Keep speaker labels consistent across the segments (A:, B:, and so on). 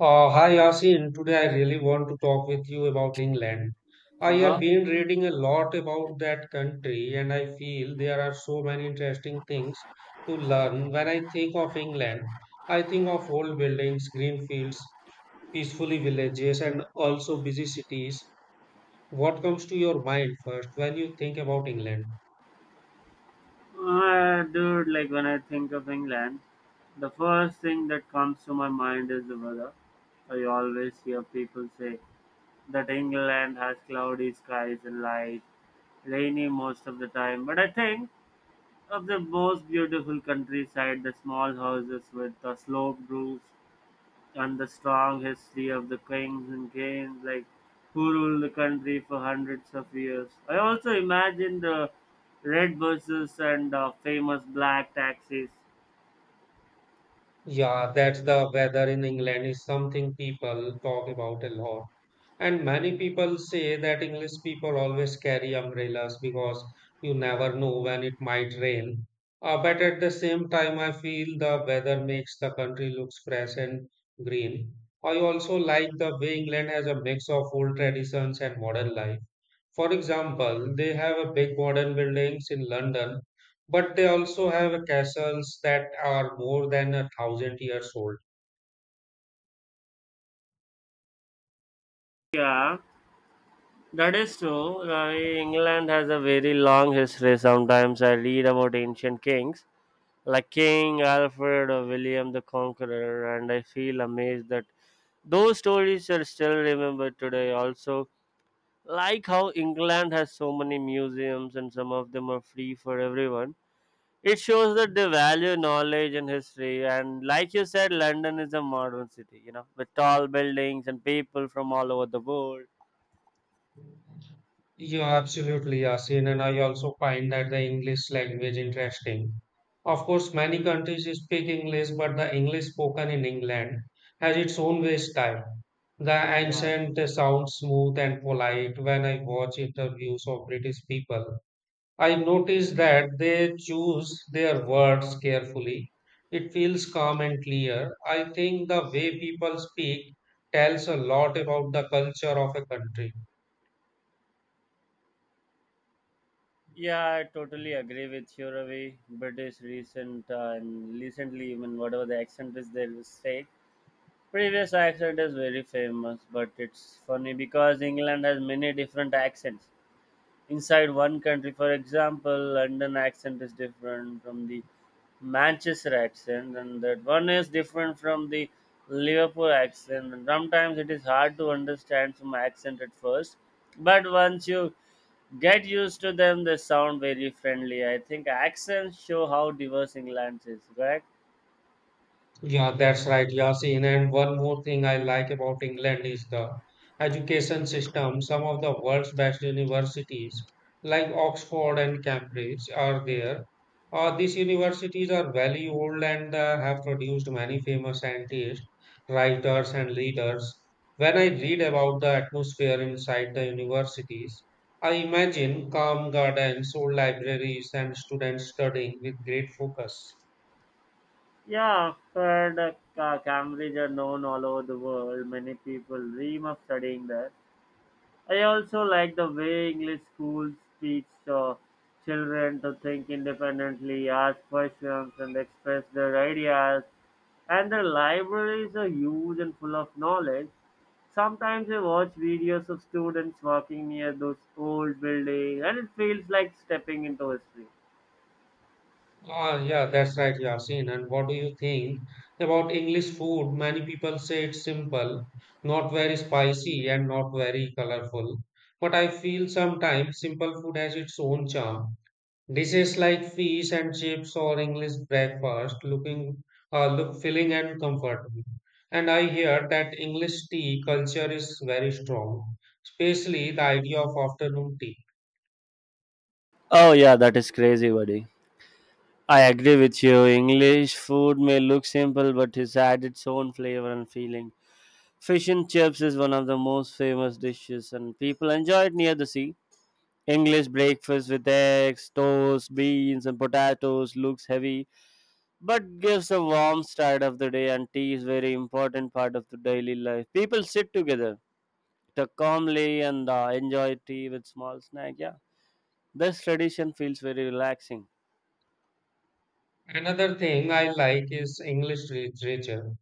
A: Hi Yasin, today I really want to talk with you about England. I have
B: Uh-huh.
A: been reading a lot about that country and I feel there are so many interesting things to learn. When I think of England, I think of old buildings, green fields, peacefully villages, and also busy cities. What comes to your mind first when you think about England?
B: Dude, like when I think of England, the first thing that comes to my mind is the weather. I always hear people say that England has cloudy skies and light, rainy most of the time. But I think of the most beautiful countryside, the small houses with the sloped roofs, and the strong history of the kings and queens like who ruled the country for hundreds of years. I also imagine the red buses and famous black taxis.
A: Yeah, that's the weather in England is something people talk about a lot. And many people say that English people always carry umbrellas because you never know when it might rain. But at the same time, I feel the weather makes the country looks fresh and green. I also like the way England has a mix of old traditions and modern life. For example, they have a big modern buildings in London, but they also have a castles that are more than a thousand years old.
B: Yeah, that is true. England has a very long history. Sometimes I read about ancient kings like King Alfred or William the Conqueror, and I feel amazed that those stories are still remembered today. Also, like how England has so many museums and some of them are free for everyone. It shows that they value knowledge and history. And like you said, London is a modern city, with tall buildings and people from all over the world.
A: You absolutely, Yasin, and I also find that the English language interesting. Of course, many countries speak English, but the English spoken in England has its own way style. The
B: Yeah,
A: accent sounds smooth and polite when I watch interviews of British people I notice that they choose their words carefully. It feels calm and clear. I think the way people speak tells a lot about the culture of a country.
B: yeah, I totally agree with you, Ravi. British recently, even whatever the accent is, they will say. Previous accent is very famous, but it's funny because England has many different accents inside one country. For example, London accent is different from the Manchester accent, and that one is different from the Liverpool accent. And sometimes it is hard to understand some accent at first, but once you get used to them, they sound very friendly. I think accents show how diverse England is, correct?
A: Yeah, that's right, Yasin. And one more thing I like about England is the education system. Some of the world's best universities, like Oxford and Cambridge, are there. These universities are very old and have produced many famous scientists, writers, and leaders. When I read about the atmosphere inside the universities, I imagine calm gardens, old libraries, and students studying with great focus.
B: Yeah, Fred, Cambridge are known all over the world. Many people dream of studying there. I also like the way English schools teach children to think independently, ask questions, and express their ideas. And their libraries are huge and full of knowledge. Sometimes I watch videos of students walking near those old buildings, and it feels like stepping into history.
A: Ah, yeah, that's right, Yasin. And what do you think about English food? Many people say it's simple, not very spicy, and not very colorful. But I feel sometimes simple food has its own charm. Dishes like fish and chips or English breakfast look filling and comforting. And I hear that English tea culture is very strong, especially the idea of afternoon tea.
B: Oh yeah, that is crazy, buddy. I agree with you. English food may look simple, but it adds its own flavor and feeling. Fish and chips is one of the most famous dishes, and people enjoy it near the sea. English breakfast with eggs, toast, beans, and potatoes looks heavy, but gives a warm start of the day. And tea is very important part of the daily life. People sit together, talk calmly, and enjoy tea with small snack. Yeah, this tradition feels very relaxing.
A: Another thing I like is English literature.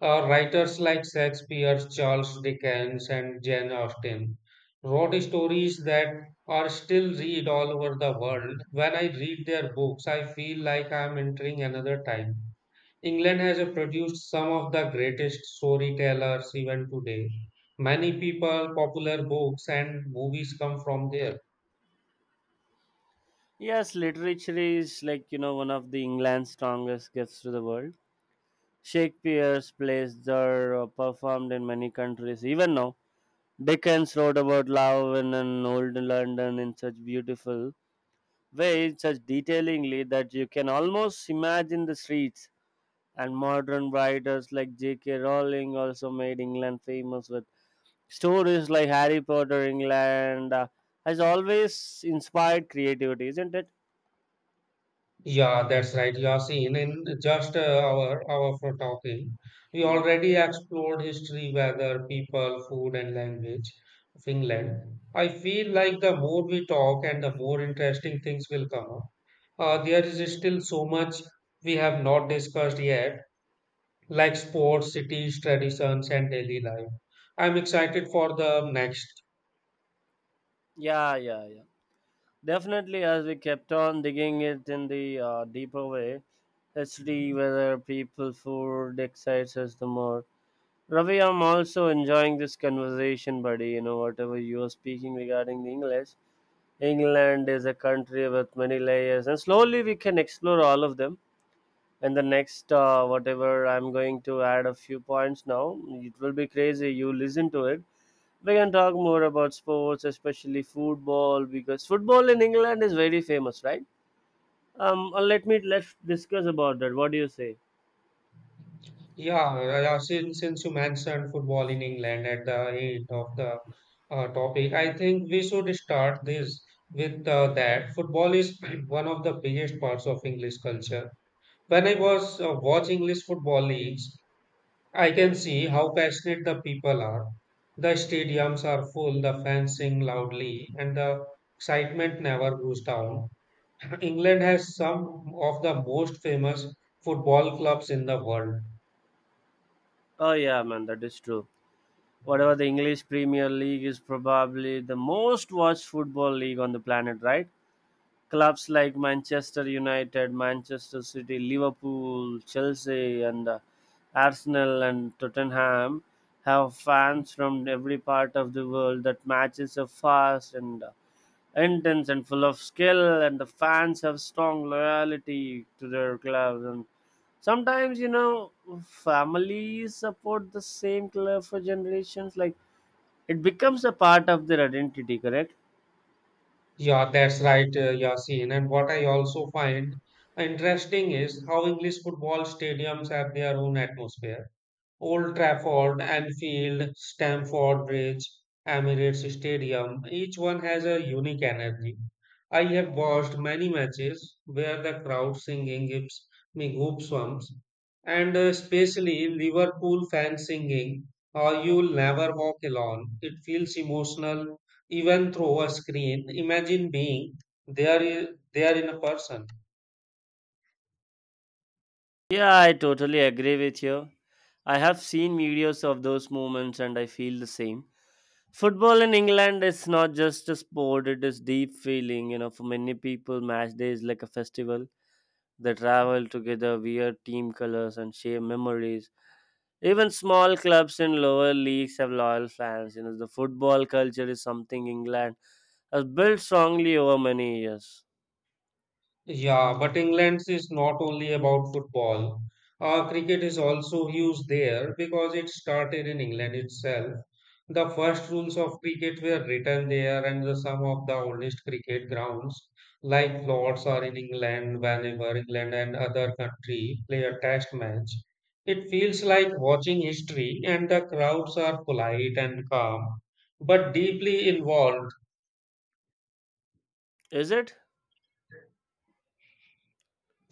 A: Writers like Shakespeare, Charles Dickens, and Jane Austen wrote stories that are still read all over the world. When I read their books, I feel like I'm entering another time. England has produced some of the greatest storytellers even today. Many people, popular books, and movies come from there.
B: Yes, literature is like one of the England's strongest gifts to the world. Shakespeare's plays are performed in many countries even now. Dickens wrote about love in an old London in such beautiful way, such detailingly that you can almost imagine the streets. And modern writers like J.K. Rowling also made England famous with stories like Harry Potter. England has always inspired creativity, isn't it?
A: Yeah, that's right, Yasin. In just an hour for talking, we
B: Mhm.
A: already explored history, weather, people, food, and language of England. I feel like the more we talk and the more interesting things will come up. There is still so much we have not discussed yet, like sports, cities, traditions, and daily life. I'm excited for the next.
B: Yeah, yeah, yeah. Definitely, as we kept on digging it in the deeper way, let's see whether people food excites us the more. Ravi, I'm also enjoying this conversation, buddy. Whatever you are speaking regarding the English, England is a country with many layers, and slowly we can explore all of them. And the next, whatever, I'm going to add a few points now. It will be crazy. You listen to it. We can talk more about sports, especially football, because football in England is very famous, right? Let's discuss about that. What do you say?
A: Yeah, yeah, yeah, since you mentioned football in England at the end of the topic, I think we should start this with that. Football is one of the biggest parts of English culture. When I was watching English football leagues, I can see how passionate the people are. The stadiums are full, the fans sing loudly, and the excitement never goes down. England has some of the most famous football clubs in the world.
B: Oh yeah, man, that is true. Whatever the English Premier League is probably the most watched football league on the planet, right? Clubs like Manchester United, Manchester City, Liverpool, Chelsea, and Arsenal and Tottenham have fans from every part of the world. That matches are fast and intense and full of skill, and the fans have strong loyalty to their clubs, and sometimes families support the same club for generations, like it becomes a part of their identity, correct?
A: Yeah, that's right, Yasin. And what I also find interesting is how English football stadiums have their own atmosphere. Old Trafford, Anfield, Stamford Bridge, Emirates Stadium, each one has a unique energy. I have watched many matches where the crowd singing gives me goosebumps, and especially Liverpool fans singing, or You'll Never Walk Alone. It feels emotional even through a screen. Imagine being there, there in a person.
B: Yeah, I totally agree with you. I have seen videos of those moments, and I feel the same. Football in England is not just a sport, it is deep feeling. For many people, match day is like a festival. They travel together, wear team colors, and share memories. Even small clubs in lower leagues have loyal fans. The football culture is something England has built strongly over many years.
A: Yeah, but England is not only about football. Cricket is also huge there because it started in England itself. The first rules of cricket were written there, and the, some of the oldest cricket grounds, like Lords, are in England. Whenever England and other country play a test match, it feels like watching history, and the crowds are polite and calm, but deeply involved.
B: Is it?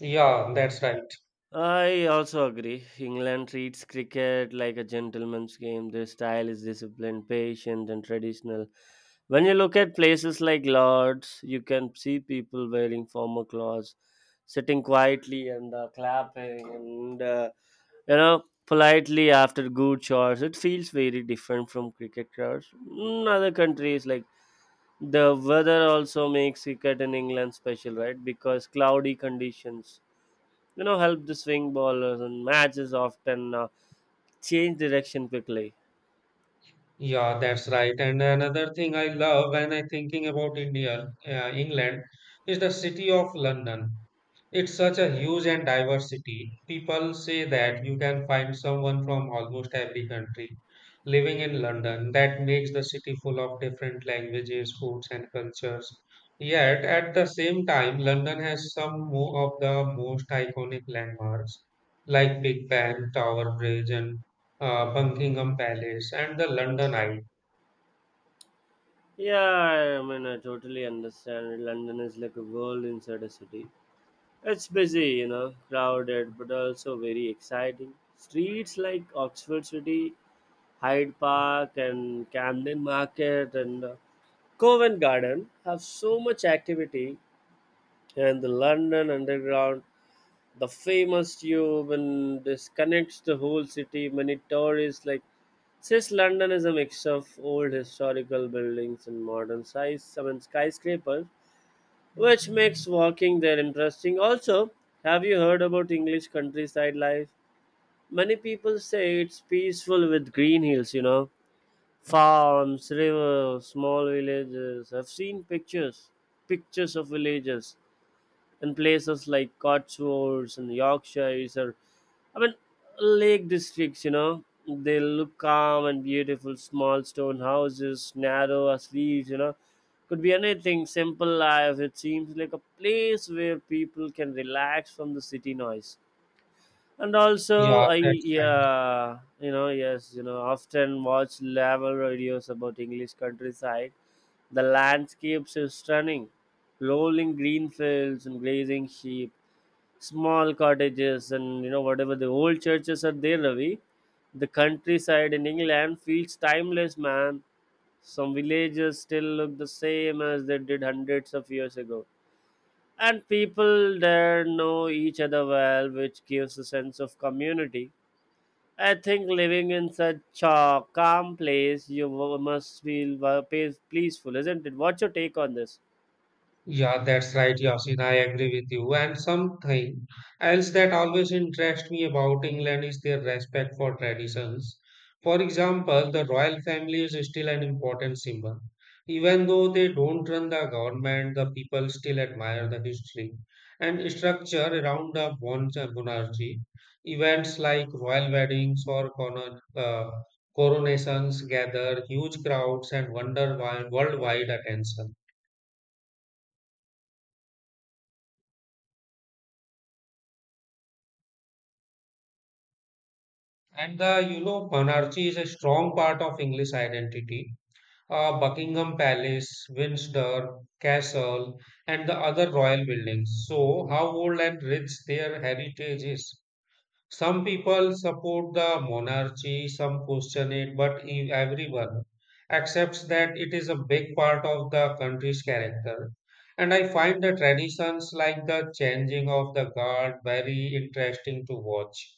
A: Yeah, that's right.
B: I also agree. England treats cricket like a gentleman's game. Their style is disciplined, patient, and traditional. When you look at places like Lords, you can see people wearing formal clothes, sitting quietly and clapping and politely after good shots. It feels very different from cricket crowds in other countries, like the weather also makes cricket in England special, right? Because cloudy conditions help the swing bowlers, and matches often change direction quickly.
A: Yeah, that's right. And another thing I love when I thinking about India, England, is the city of London. It's such a huge and diversity. People say that you can find someone from almost every country living in London. That makes the city full of different languages, foods, and cultures. Yet, at the same time, London has some of the most iconic landmarks like Big Ben, Tower Bridge, and Buckingham Palace, and the London Eye.
B: Yeah, I mean, I totally understand. London is like a world inside a city. It's busy, crowded, but also very exciting. Streets like Oxford City, Hyde Park, and Camden Market, and Covent Garden have so much activity. And the London Underground, the famous tube, and this connects the whole city. Many tourists like. Since London is a mix of old historical buildings and modern size, I mean skyscrapers, which makes walking there interesting. Also, have you heard about English countryside life? Many people say it's peaceful with green hills, farms, rivers, small villages. I've seen pictures of villages in places like Cotswolds and Yorkshires, or I mean lake districts. They look calm and beautiful, small stone houses, narrow as leaves. Could be anything, simple life. It seems like a place where people can relax from the city noise, and also
A: Yeah,
B: i
A: that's right.
B: yeah you know yes you know often watch travel videos about English countryside. The landscapes is stunning, rolling green fields and grazing sheep, small cottages, and whatever the old churches are there, Ravi. The countryside in England feels timeless, man. Some villages still look the same as they did hundreds of years ago, and people there know each other well, which gives a sense of community. I think living in such a calm place, you must feel peaceful, isn't it? What's your take on this?
A: Yeah, that's right, Yasin. I agree with you. And something else that always interests me about England is their respect for traditions. For example, the royal family is still an important symbol. Even though they don't run the government, the people still admire the history and structure around the monarchy. Events like royal weddings or coronations gather huge crowds and wonder why worldwide attention. And the, you know, monarchy is a strong part of English identity. Buckingham Palace, Windsor Castle, and the other royal buildings. So, how old and rich their heritage is. Some people support the monarchy, some question it, but everyone accepts that it is a big part of the country's character. And I find the traditions like the changing of the guard very interesting to watch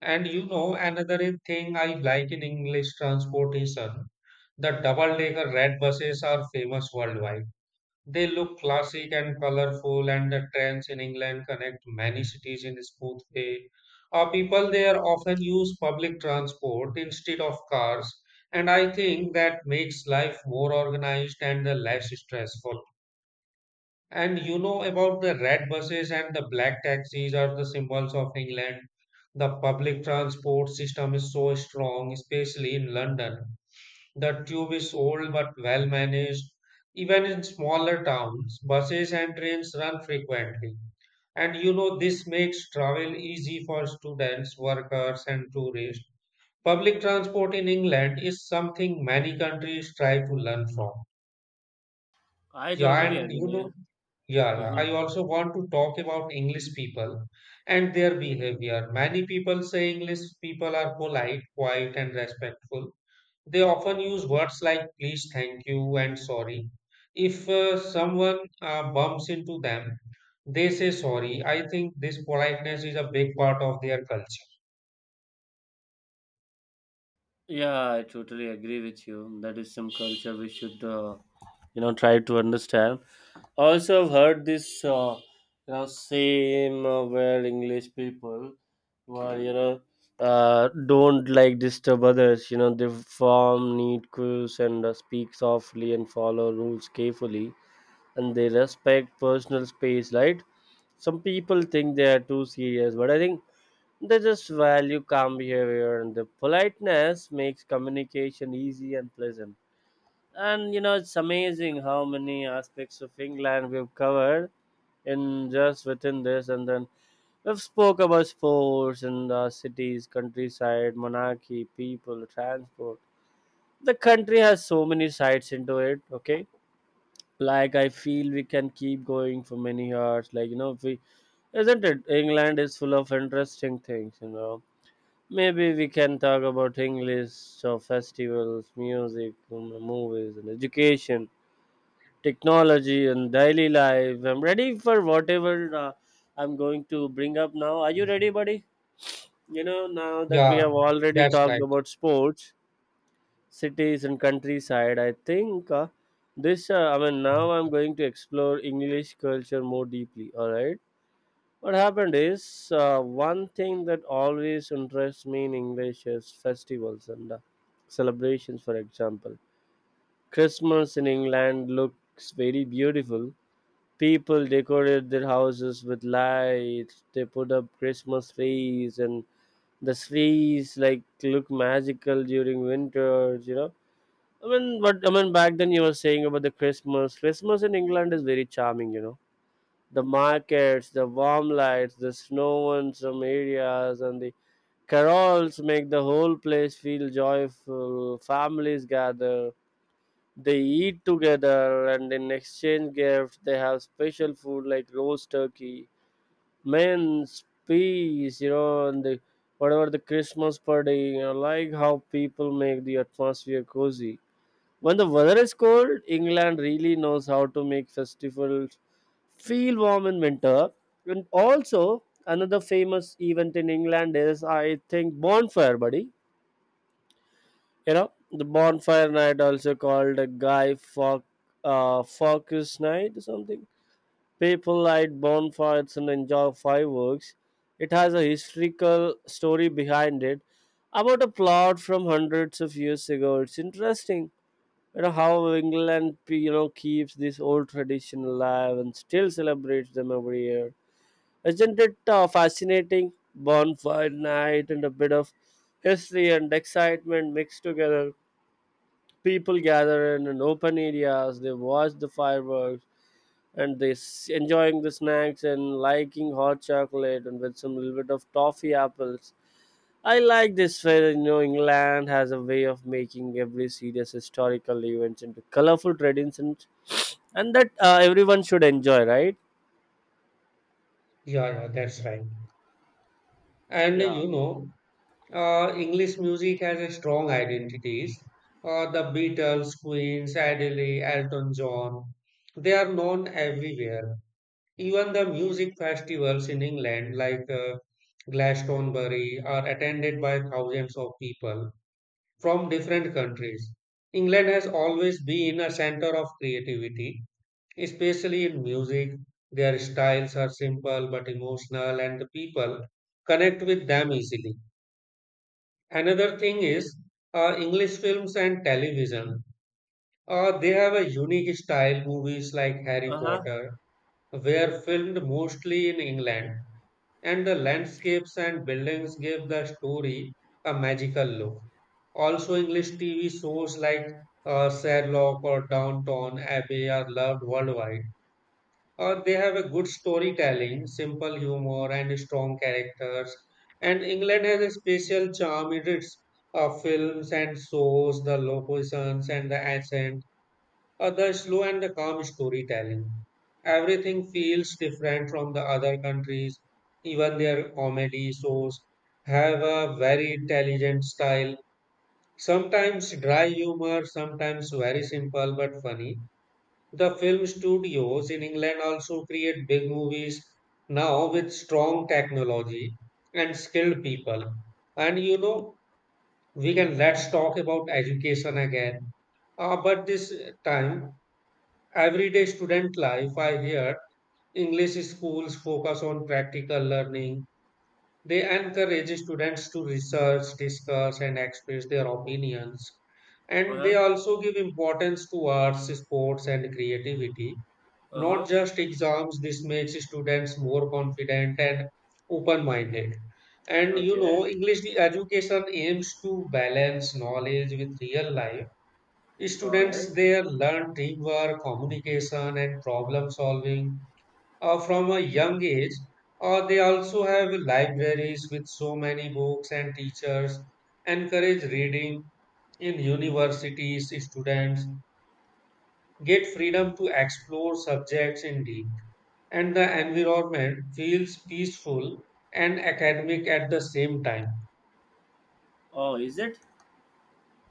A: and you know, another thing I like in English transportation, the double-decker red buses are famous worldwide. They look classic and colorful, and the trains in England connect many cities in a smooth way. Our people there often use public transport instead of cars, and I think that makes life more organized and less stressful. And you know about the red buses and the black taxis are the symbols of England. The public transport system is so strong, especially in London. The tube is old but well managed. Even in smaller towns, buses and trains run frequently. And you know, this makes travel easy for students, workers, and tourists. Public transport in England is something many countries try to learn from.
B: I
A: Yeah,
B: totally
A: and you
B: agree.
A: know, yeah, yeah,
B: Hmm.
A: I also want to talk about English people and their behavior. Many people say English people are polite, quiet, and respectful. They often use words like please, thank you, and sorry. If someone bumps into them, they say sorry. I think this politeness is a big part of their culture.
B: Yeah, I totally agree with you. That is some culture we should try to understand. Also, I've heard this, same where English people, were don't like disturb others. They form neat queues and speak softly and follow rules carefully, and they respect personal space, right? Some people think they are too serious, but I think they just value calm behavior, and the politeness makes communication easy and pleasant. And it's amazing how many aspects of England we've covered in just within this, and then we've spoke about sports, and the cities, countryside, monarchy, people, transport. The country has so many sides into it, okay? Like, I feel we can keep going for many hours, like, if we. Isn't it, England is full of interesting things, you know. Maybe we can talk about English so festivals, music, movies, and education, technology, and daily life. I'm ready for whatever I'm going to bring up now. Are you ready, buddy? Now that we
A: Yeah,
B: have already
A: that's
B: talked
A: right.
B: about sports, cities, and countryside, I think this, I mean, now
A: Yeah,
B: I'm going to explore English culture more deeply. All right. What happened is one thing that always interests me in English is festivals and celebrations, for example. Christmas in England looks very beautiful. People decorated their houses with lights. They put up Christmas trees, and the trees like look magical during winters. But I mean back then you were saying about the Christmas. Christmas in England is very charming. The markets, the warm lights, the snow in some areas, and the carols make the whole place feel joyful. Families gather, they eat together, and in exchange gifts they have special food like roast turkey, mince, peas, and the, whatever the Christmas party, like how people make the atmosphere cozy. When the weather is cold, England really knows how to make festivals feel warm in winter. And also another famous event in England is I think bonfire, buddy. The bonfire night, also called a Guy Fawkes night or something. People light bonfires and enjoy fireworks. It has a historical story behind it about a plot from hundreds of years ago. It's interesting how England keeps this old tradition alive and still celebrates them every year. Isn't it fascinating? Bonfire night and a bit of history and excitement mixed together. People gather in an open areas, they watch the fireworks, and enjoying the snacks and liking hot chocolate and with some little bit of toffee apples. I like this fair. You know, England has a way of making every serious historical event into colorful traditions, and that everyone should enjoy, right?
A: yeah, that's right. And uh,
B: Yeah.
A: you know, English music has a strong identities. The Beatles, Queens, Adele, Elton John, they are known everywhere. Even the music festivals in England, like Glastonbury, are attended by thousands of people from different countries. England has always been a center of creativity, especially in music. Their styles are simple but emotional, and the people connect with them easily. Another thing is English films and television. They have a unique style, movies like Harry
B: Uh huh.
A: Potter were filmed mostly in England, and the landscapes and buildings give the story a magical look. Also, English TV shows like Sherlock or Downton Abbey are loved worldwide they have a good storytelling, simple humor, and strong characters. And England has a special charm in its films and shows, the locations and the accent, the slow and the calm storytelling. Everything feels different from the other countries. Even their comedy shows have a very intelligent style. Sometimes dry humor, sometimes very simple but funny. The film studios in England also create big movies now with strong technology and skilled people. And you know, we can let's talk about education again. But this time, everyday student life, I hear English schools focus on practical learning. They encourage students to research, discuss, and express their opinions.
B: Uh
A: And they
B: huh.
A: also give importance to arts, sports, and creativity
B: Uh
A: not
B: huh.
A: just exams, this makes students more confident and open minded. And you
B: Okay.
A: know, English education aims to balance knowledge with real life.
B: All right.
A: Students there learn teamwork, communication, and problem solving from a young age. They also have libraries with so many books and teachers encourage reading in universities students get freedom to explore subjects in deep, and the environment feels peaceful and academic at the same time.
B: Oh, is it?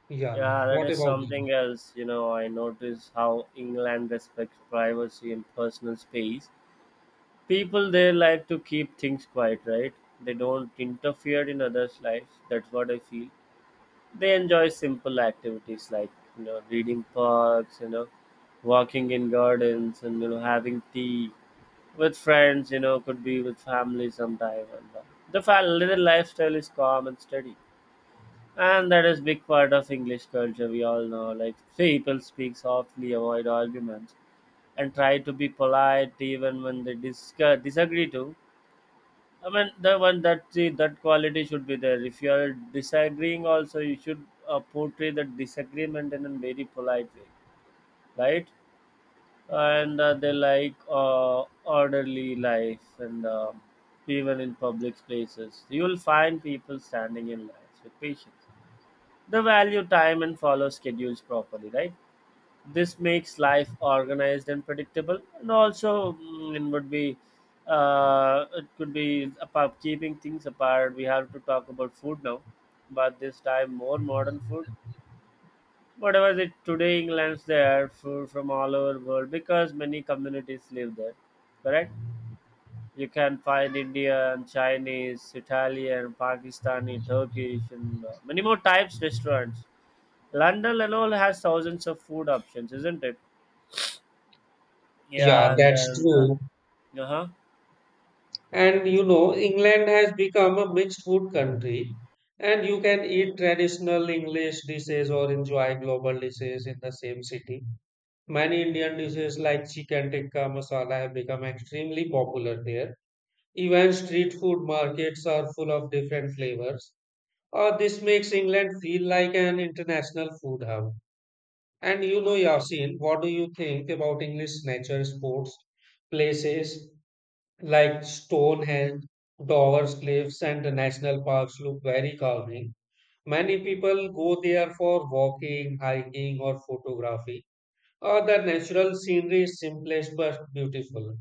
A: Yeah,
B: Yeah, that
A: what
B: is
A: about you?
B: something else. You know, I notice how England respects privacy and personal space. People there like to keep things quiet, right? They don't interfere in others' lives. That's what I feel. They enjoy simple activities like reading parks, walking in gardens, and having tea with friends. You know, could be with family sometime. And the little lifestyle is calm and steady, and that is big part of English culture. We all know, like, people speak softly, avoid arguments, and try to be polite even when they discuss, disagree too. I mean, the one that see, that quality should be there. If you are disagreeing also, you should portray that disagreement in a very polite way, right? And they like orderly life, and even in public places you will find people standing in lines with patience. The value time and follow schedules properly, right? This makes life organized and predictable, and also it would be, it could be about keeping things apart. We have to talk about food now, but this time more modern food. Whatever the today England's there food from all over world, because many communities live there, correct? You can find Indian, Chinese, Italian, Pakistani, Turkish, and many more types restaurants. London alone has thousands of food options, isn't it?
A: Yeah,
B: Yeah, and
A: that's
B: then
A: true.
B: uh-huh.
A: And you know, England has become a mixed food country, and you can eat traditional English dishes or enjoy global dishes in the same city. Many Indian dishes like chicken tikka masala have become extremely popular there. Even street food markets are full of different flavors. This makes England feel like an international food hub. And you know, Yasin, what do you think about English nature sports places like Stonehenge, Dover's Cliffs, and the national parks look very calming. Many people go there for walking, hiking, or photography. The natural scenery is simplest but beautiful.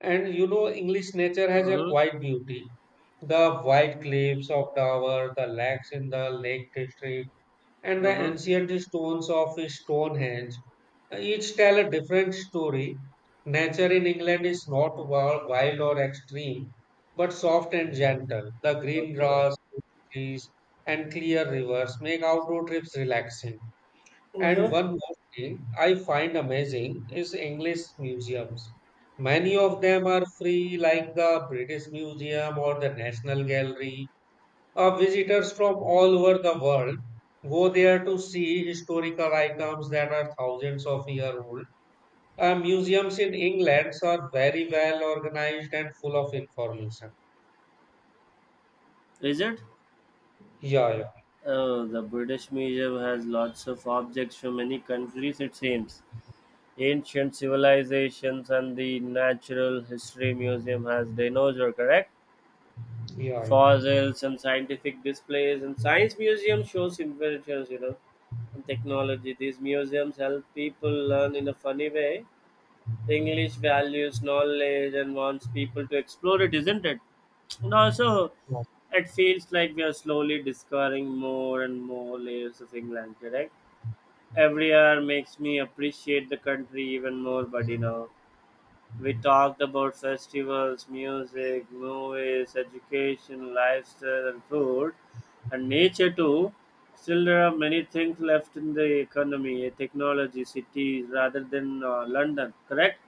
A: And you know, English nature
B: Uh
A: has a
B: hmm.
A: quiet beauty. The white cliffs of Dover, the lakes in the Lake District, and the ancient stones of Stonehenge each tell a different story. Nature in England is not wild or extreme, but soft and gentle. The green
B: Okay.
A: grass, trees, and clear rivers make outdoor trips relaxing. And
B: Uh-huh.
A: one more thing I find amazing is English museums. Many of them are free, like the British Museum or the National Gallery. Visitors from all over the world go there to see historical items that are thousands of years old. Museums in England are very well organized and full of information.
B: Is it?
A: Yeah,
B: Oh, the British Museum has lots of objects from many countries, it seems. Ancient civilizations, and the Natural History Museum has dinosaur, correct?
A: yeah, yeah,
B: Fossils and scientific displays, and science museum shows inventions, you know, and technology. These museums help people learn in a funny way. English values knowledge and wants people to explore it, isn't it? And also,
A: yeah,
B: it feels like we are slowly discovering more and more layers of England, correct? Every hour makes me appreciate the country even more, but you know, we talked about festivals, music, movies, education, lifestyle, and food, and nature too. Still, there are many things left in the economy, technology, cities, rather than London, correct?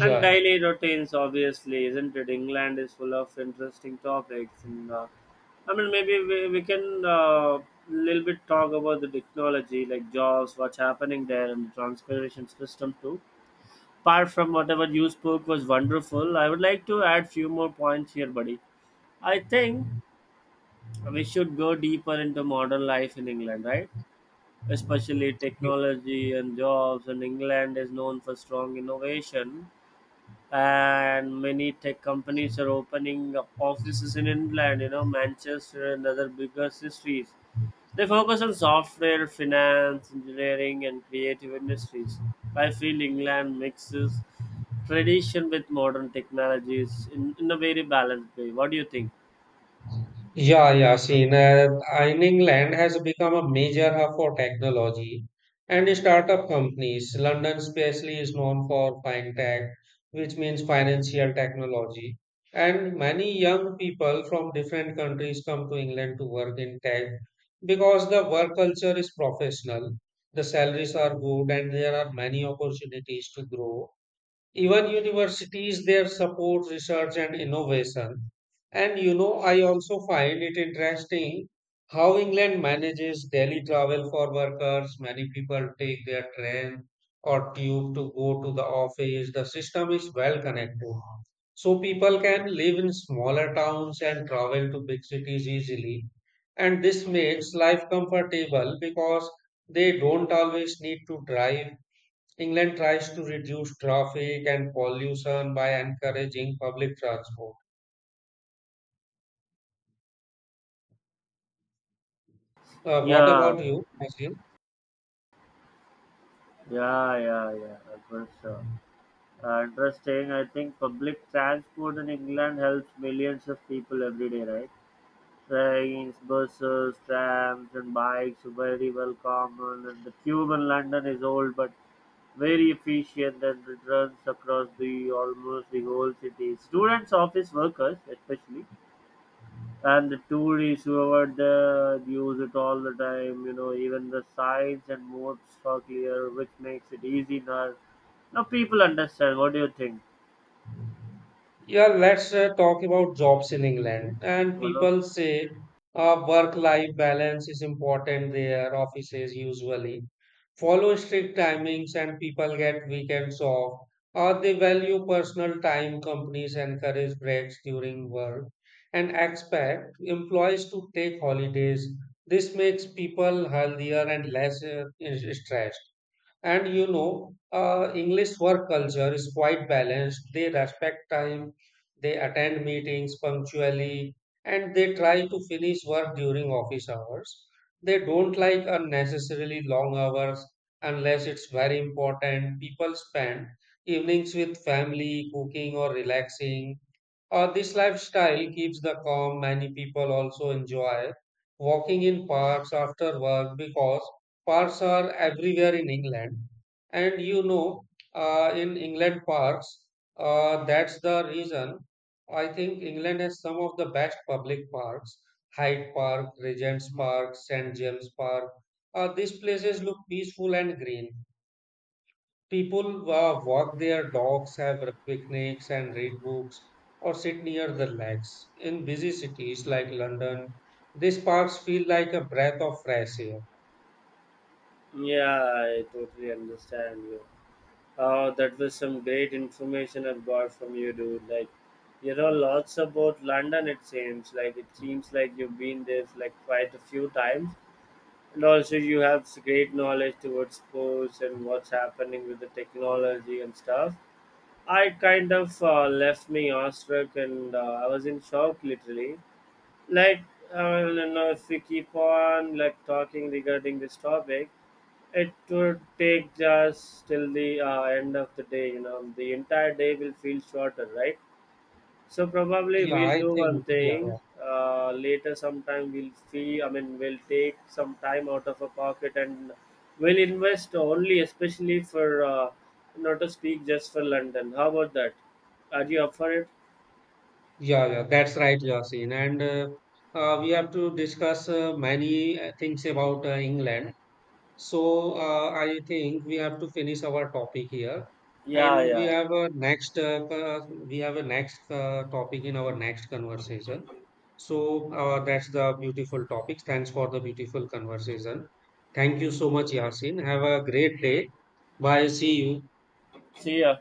B: And daily routines, obviously, isn't it? England is full of interesting topics, and I mean, maybe we can, little bit talk about the technology, like jobs, what's happening there, and the transportation system too. Apart from whatever you spoke was wonderful, I would like to add few more points here, buddy. I think we should go deeper into modern life in England, right? Especially
A: yeah.
B: technology and jobs, and England is known for strong innovation, and many tech companies are opening up offices in England, you know, Manchester and other bigger cities. They focus on software, finance, engineering, and creative industries. I feel England mixes tradition with modern technologies in a very balanced way. What do you think?
A: Yeah, Yasin, in England has become a major hub for technology and startup companies. London especially is known for fintech, which means financial technology. And many young people from different countries come to England to work in tech because the work culture is professional, the salaries are good, and there are many opportunities to grow, even universities there support research and innovation. And you know, I also find it interesting how England manages daily travel for workers. Many people take their train or tube to go to the office. The system is well connected, so people can live in smaller towns and travel to big cities easily, and this makes life comfortable because they don't always need to drive. England tries to reduce traffic and pollution by encouraging public transport. What
B: Yeah,
A: about you, Naseem?
B: yeah, yeah, yeah, for sure. Interesting. I think public transport in England helps millions of people every day, right? Trains, buses, trams and bikes are very well common, and the tube in London is old but very efficient, and it runs across the almost the whole city. Students, office workers especially, and the tourists who whoever there use it all the time, you know, even the signs and modes are clear, which makes it easy now. Now people understand. What do you think?
A: Yeah, let's talk about jobs in England. And
B: You know?
A: people say work-life balance is important there. Offices usually follow strict timings and people get weekends off. Or they value personal time. Companies encourage breaks during work and expect employees to take holidays. This makes people healthier and less stressed. And you know, English work culture is quite balanced. They respect time, they attend meetings punctually, and they try to finish work during office hours. They don't like unnecessarily long hours unless it's very important. People spend evenings with family, cooking, or relaxing. This lifestyle keeps the calm. Many people also enjoy walking in parks after work because parks are everywhere in England. And you know, in England parks, that's the reason I think England has some of the best public parks. Hyde Park, Regent's Park, St. James Park. These places look peaceful and green. People walk their dogs, have picnics, and read books, or sit near the lakes. In busy cities like London, these parks feel like a breath of fresh air.
B: Yeah, I totally understand you. That was some great information I've got from you, dude. Like, you know, lots about London. It seems like you've been there for, like, quite a few times, and also you have great knowledge towards sports and what's happening with the technology and stuff. I kind of, left me awestruck, and I was in shock literally, like, I don't know, if we keep on like talking regarding this topic, it would take just till the end of the day. You know, the entire day will feel shorter, right? So probably
A: Yeah,
B: we'll
A: I
B: do one
A: think, yeah, yeah.
B: thing, later sometime we'll see. I mean, we'll take some time out of our pocket, and we'll invest only, especially for, not to speak just for London. How about that? Are you up for it?
A: Yeah, yeah, that's right, Yasin. And we have to discuss many things about England. So I think we have to finish our topic here,
B: Yeah,
A: and we
B: yeah,
A: have a we have a next topic in our next conversation. So that's the beautiful topic. Thanks for the beautiful conversation. Thank you so much, Yasin. Have a great day. Bye. See you.
B: see ya.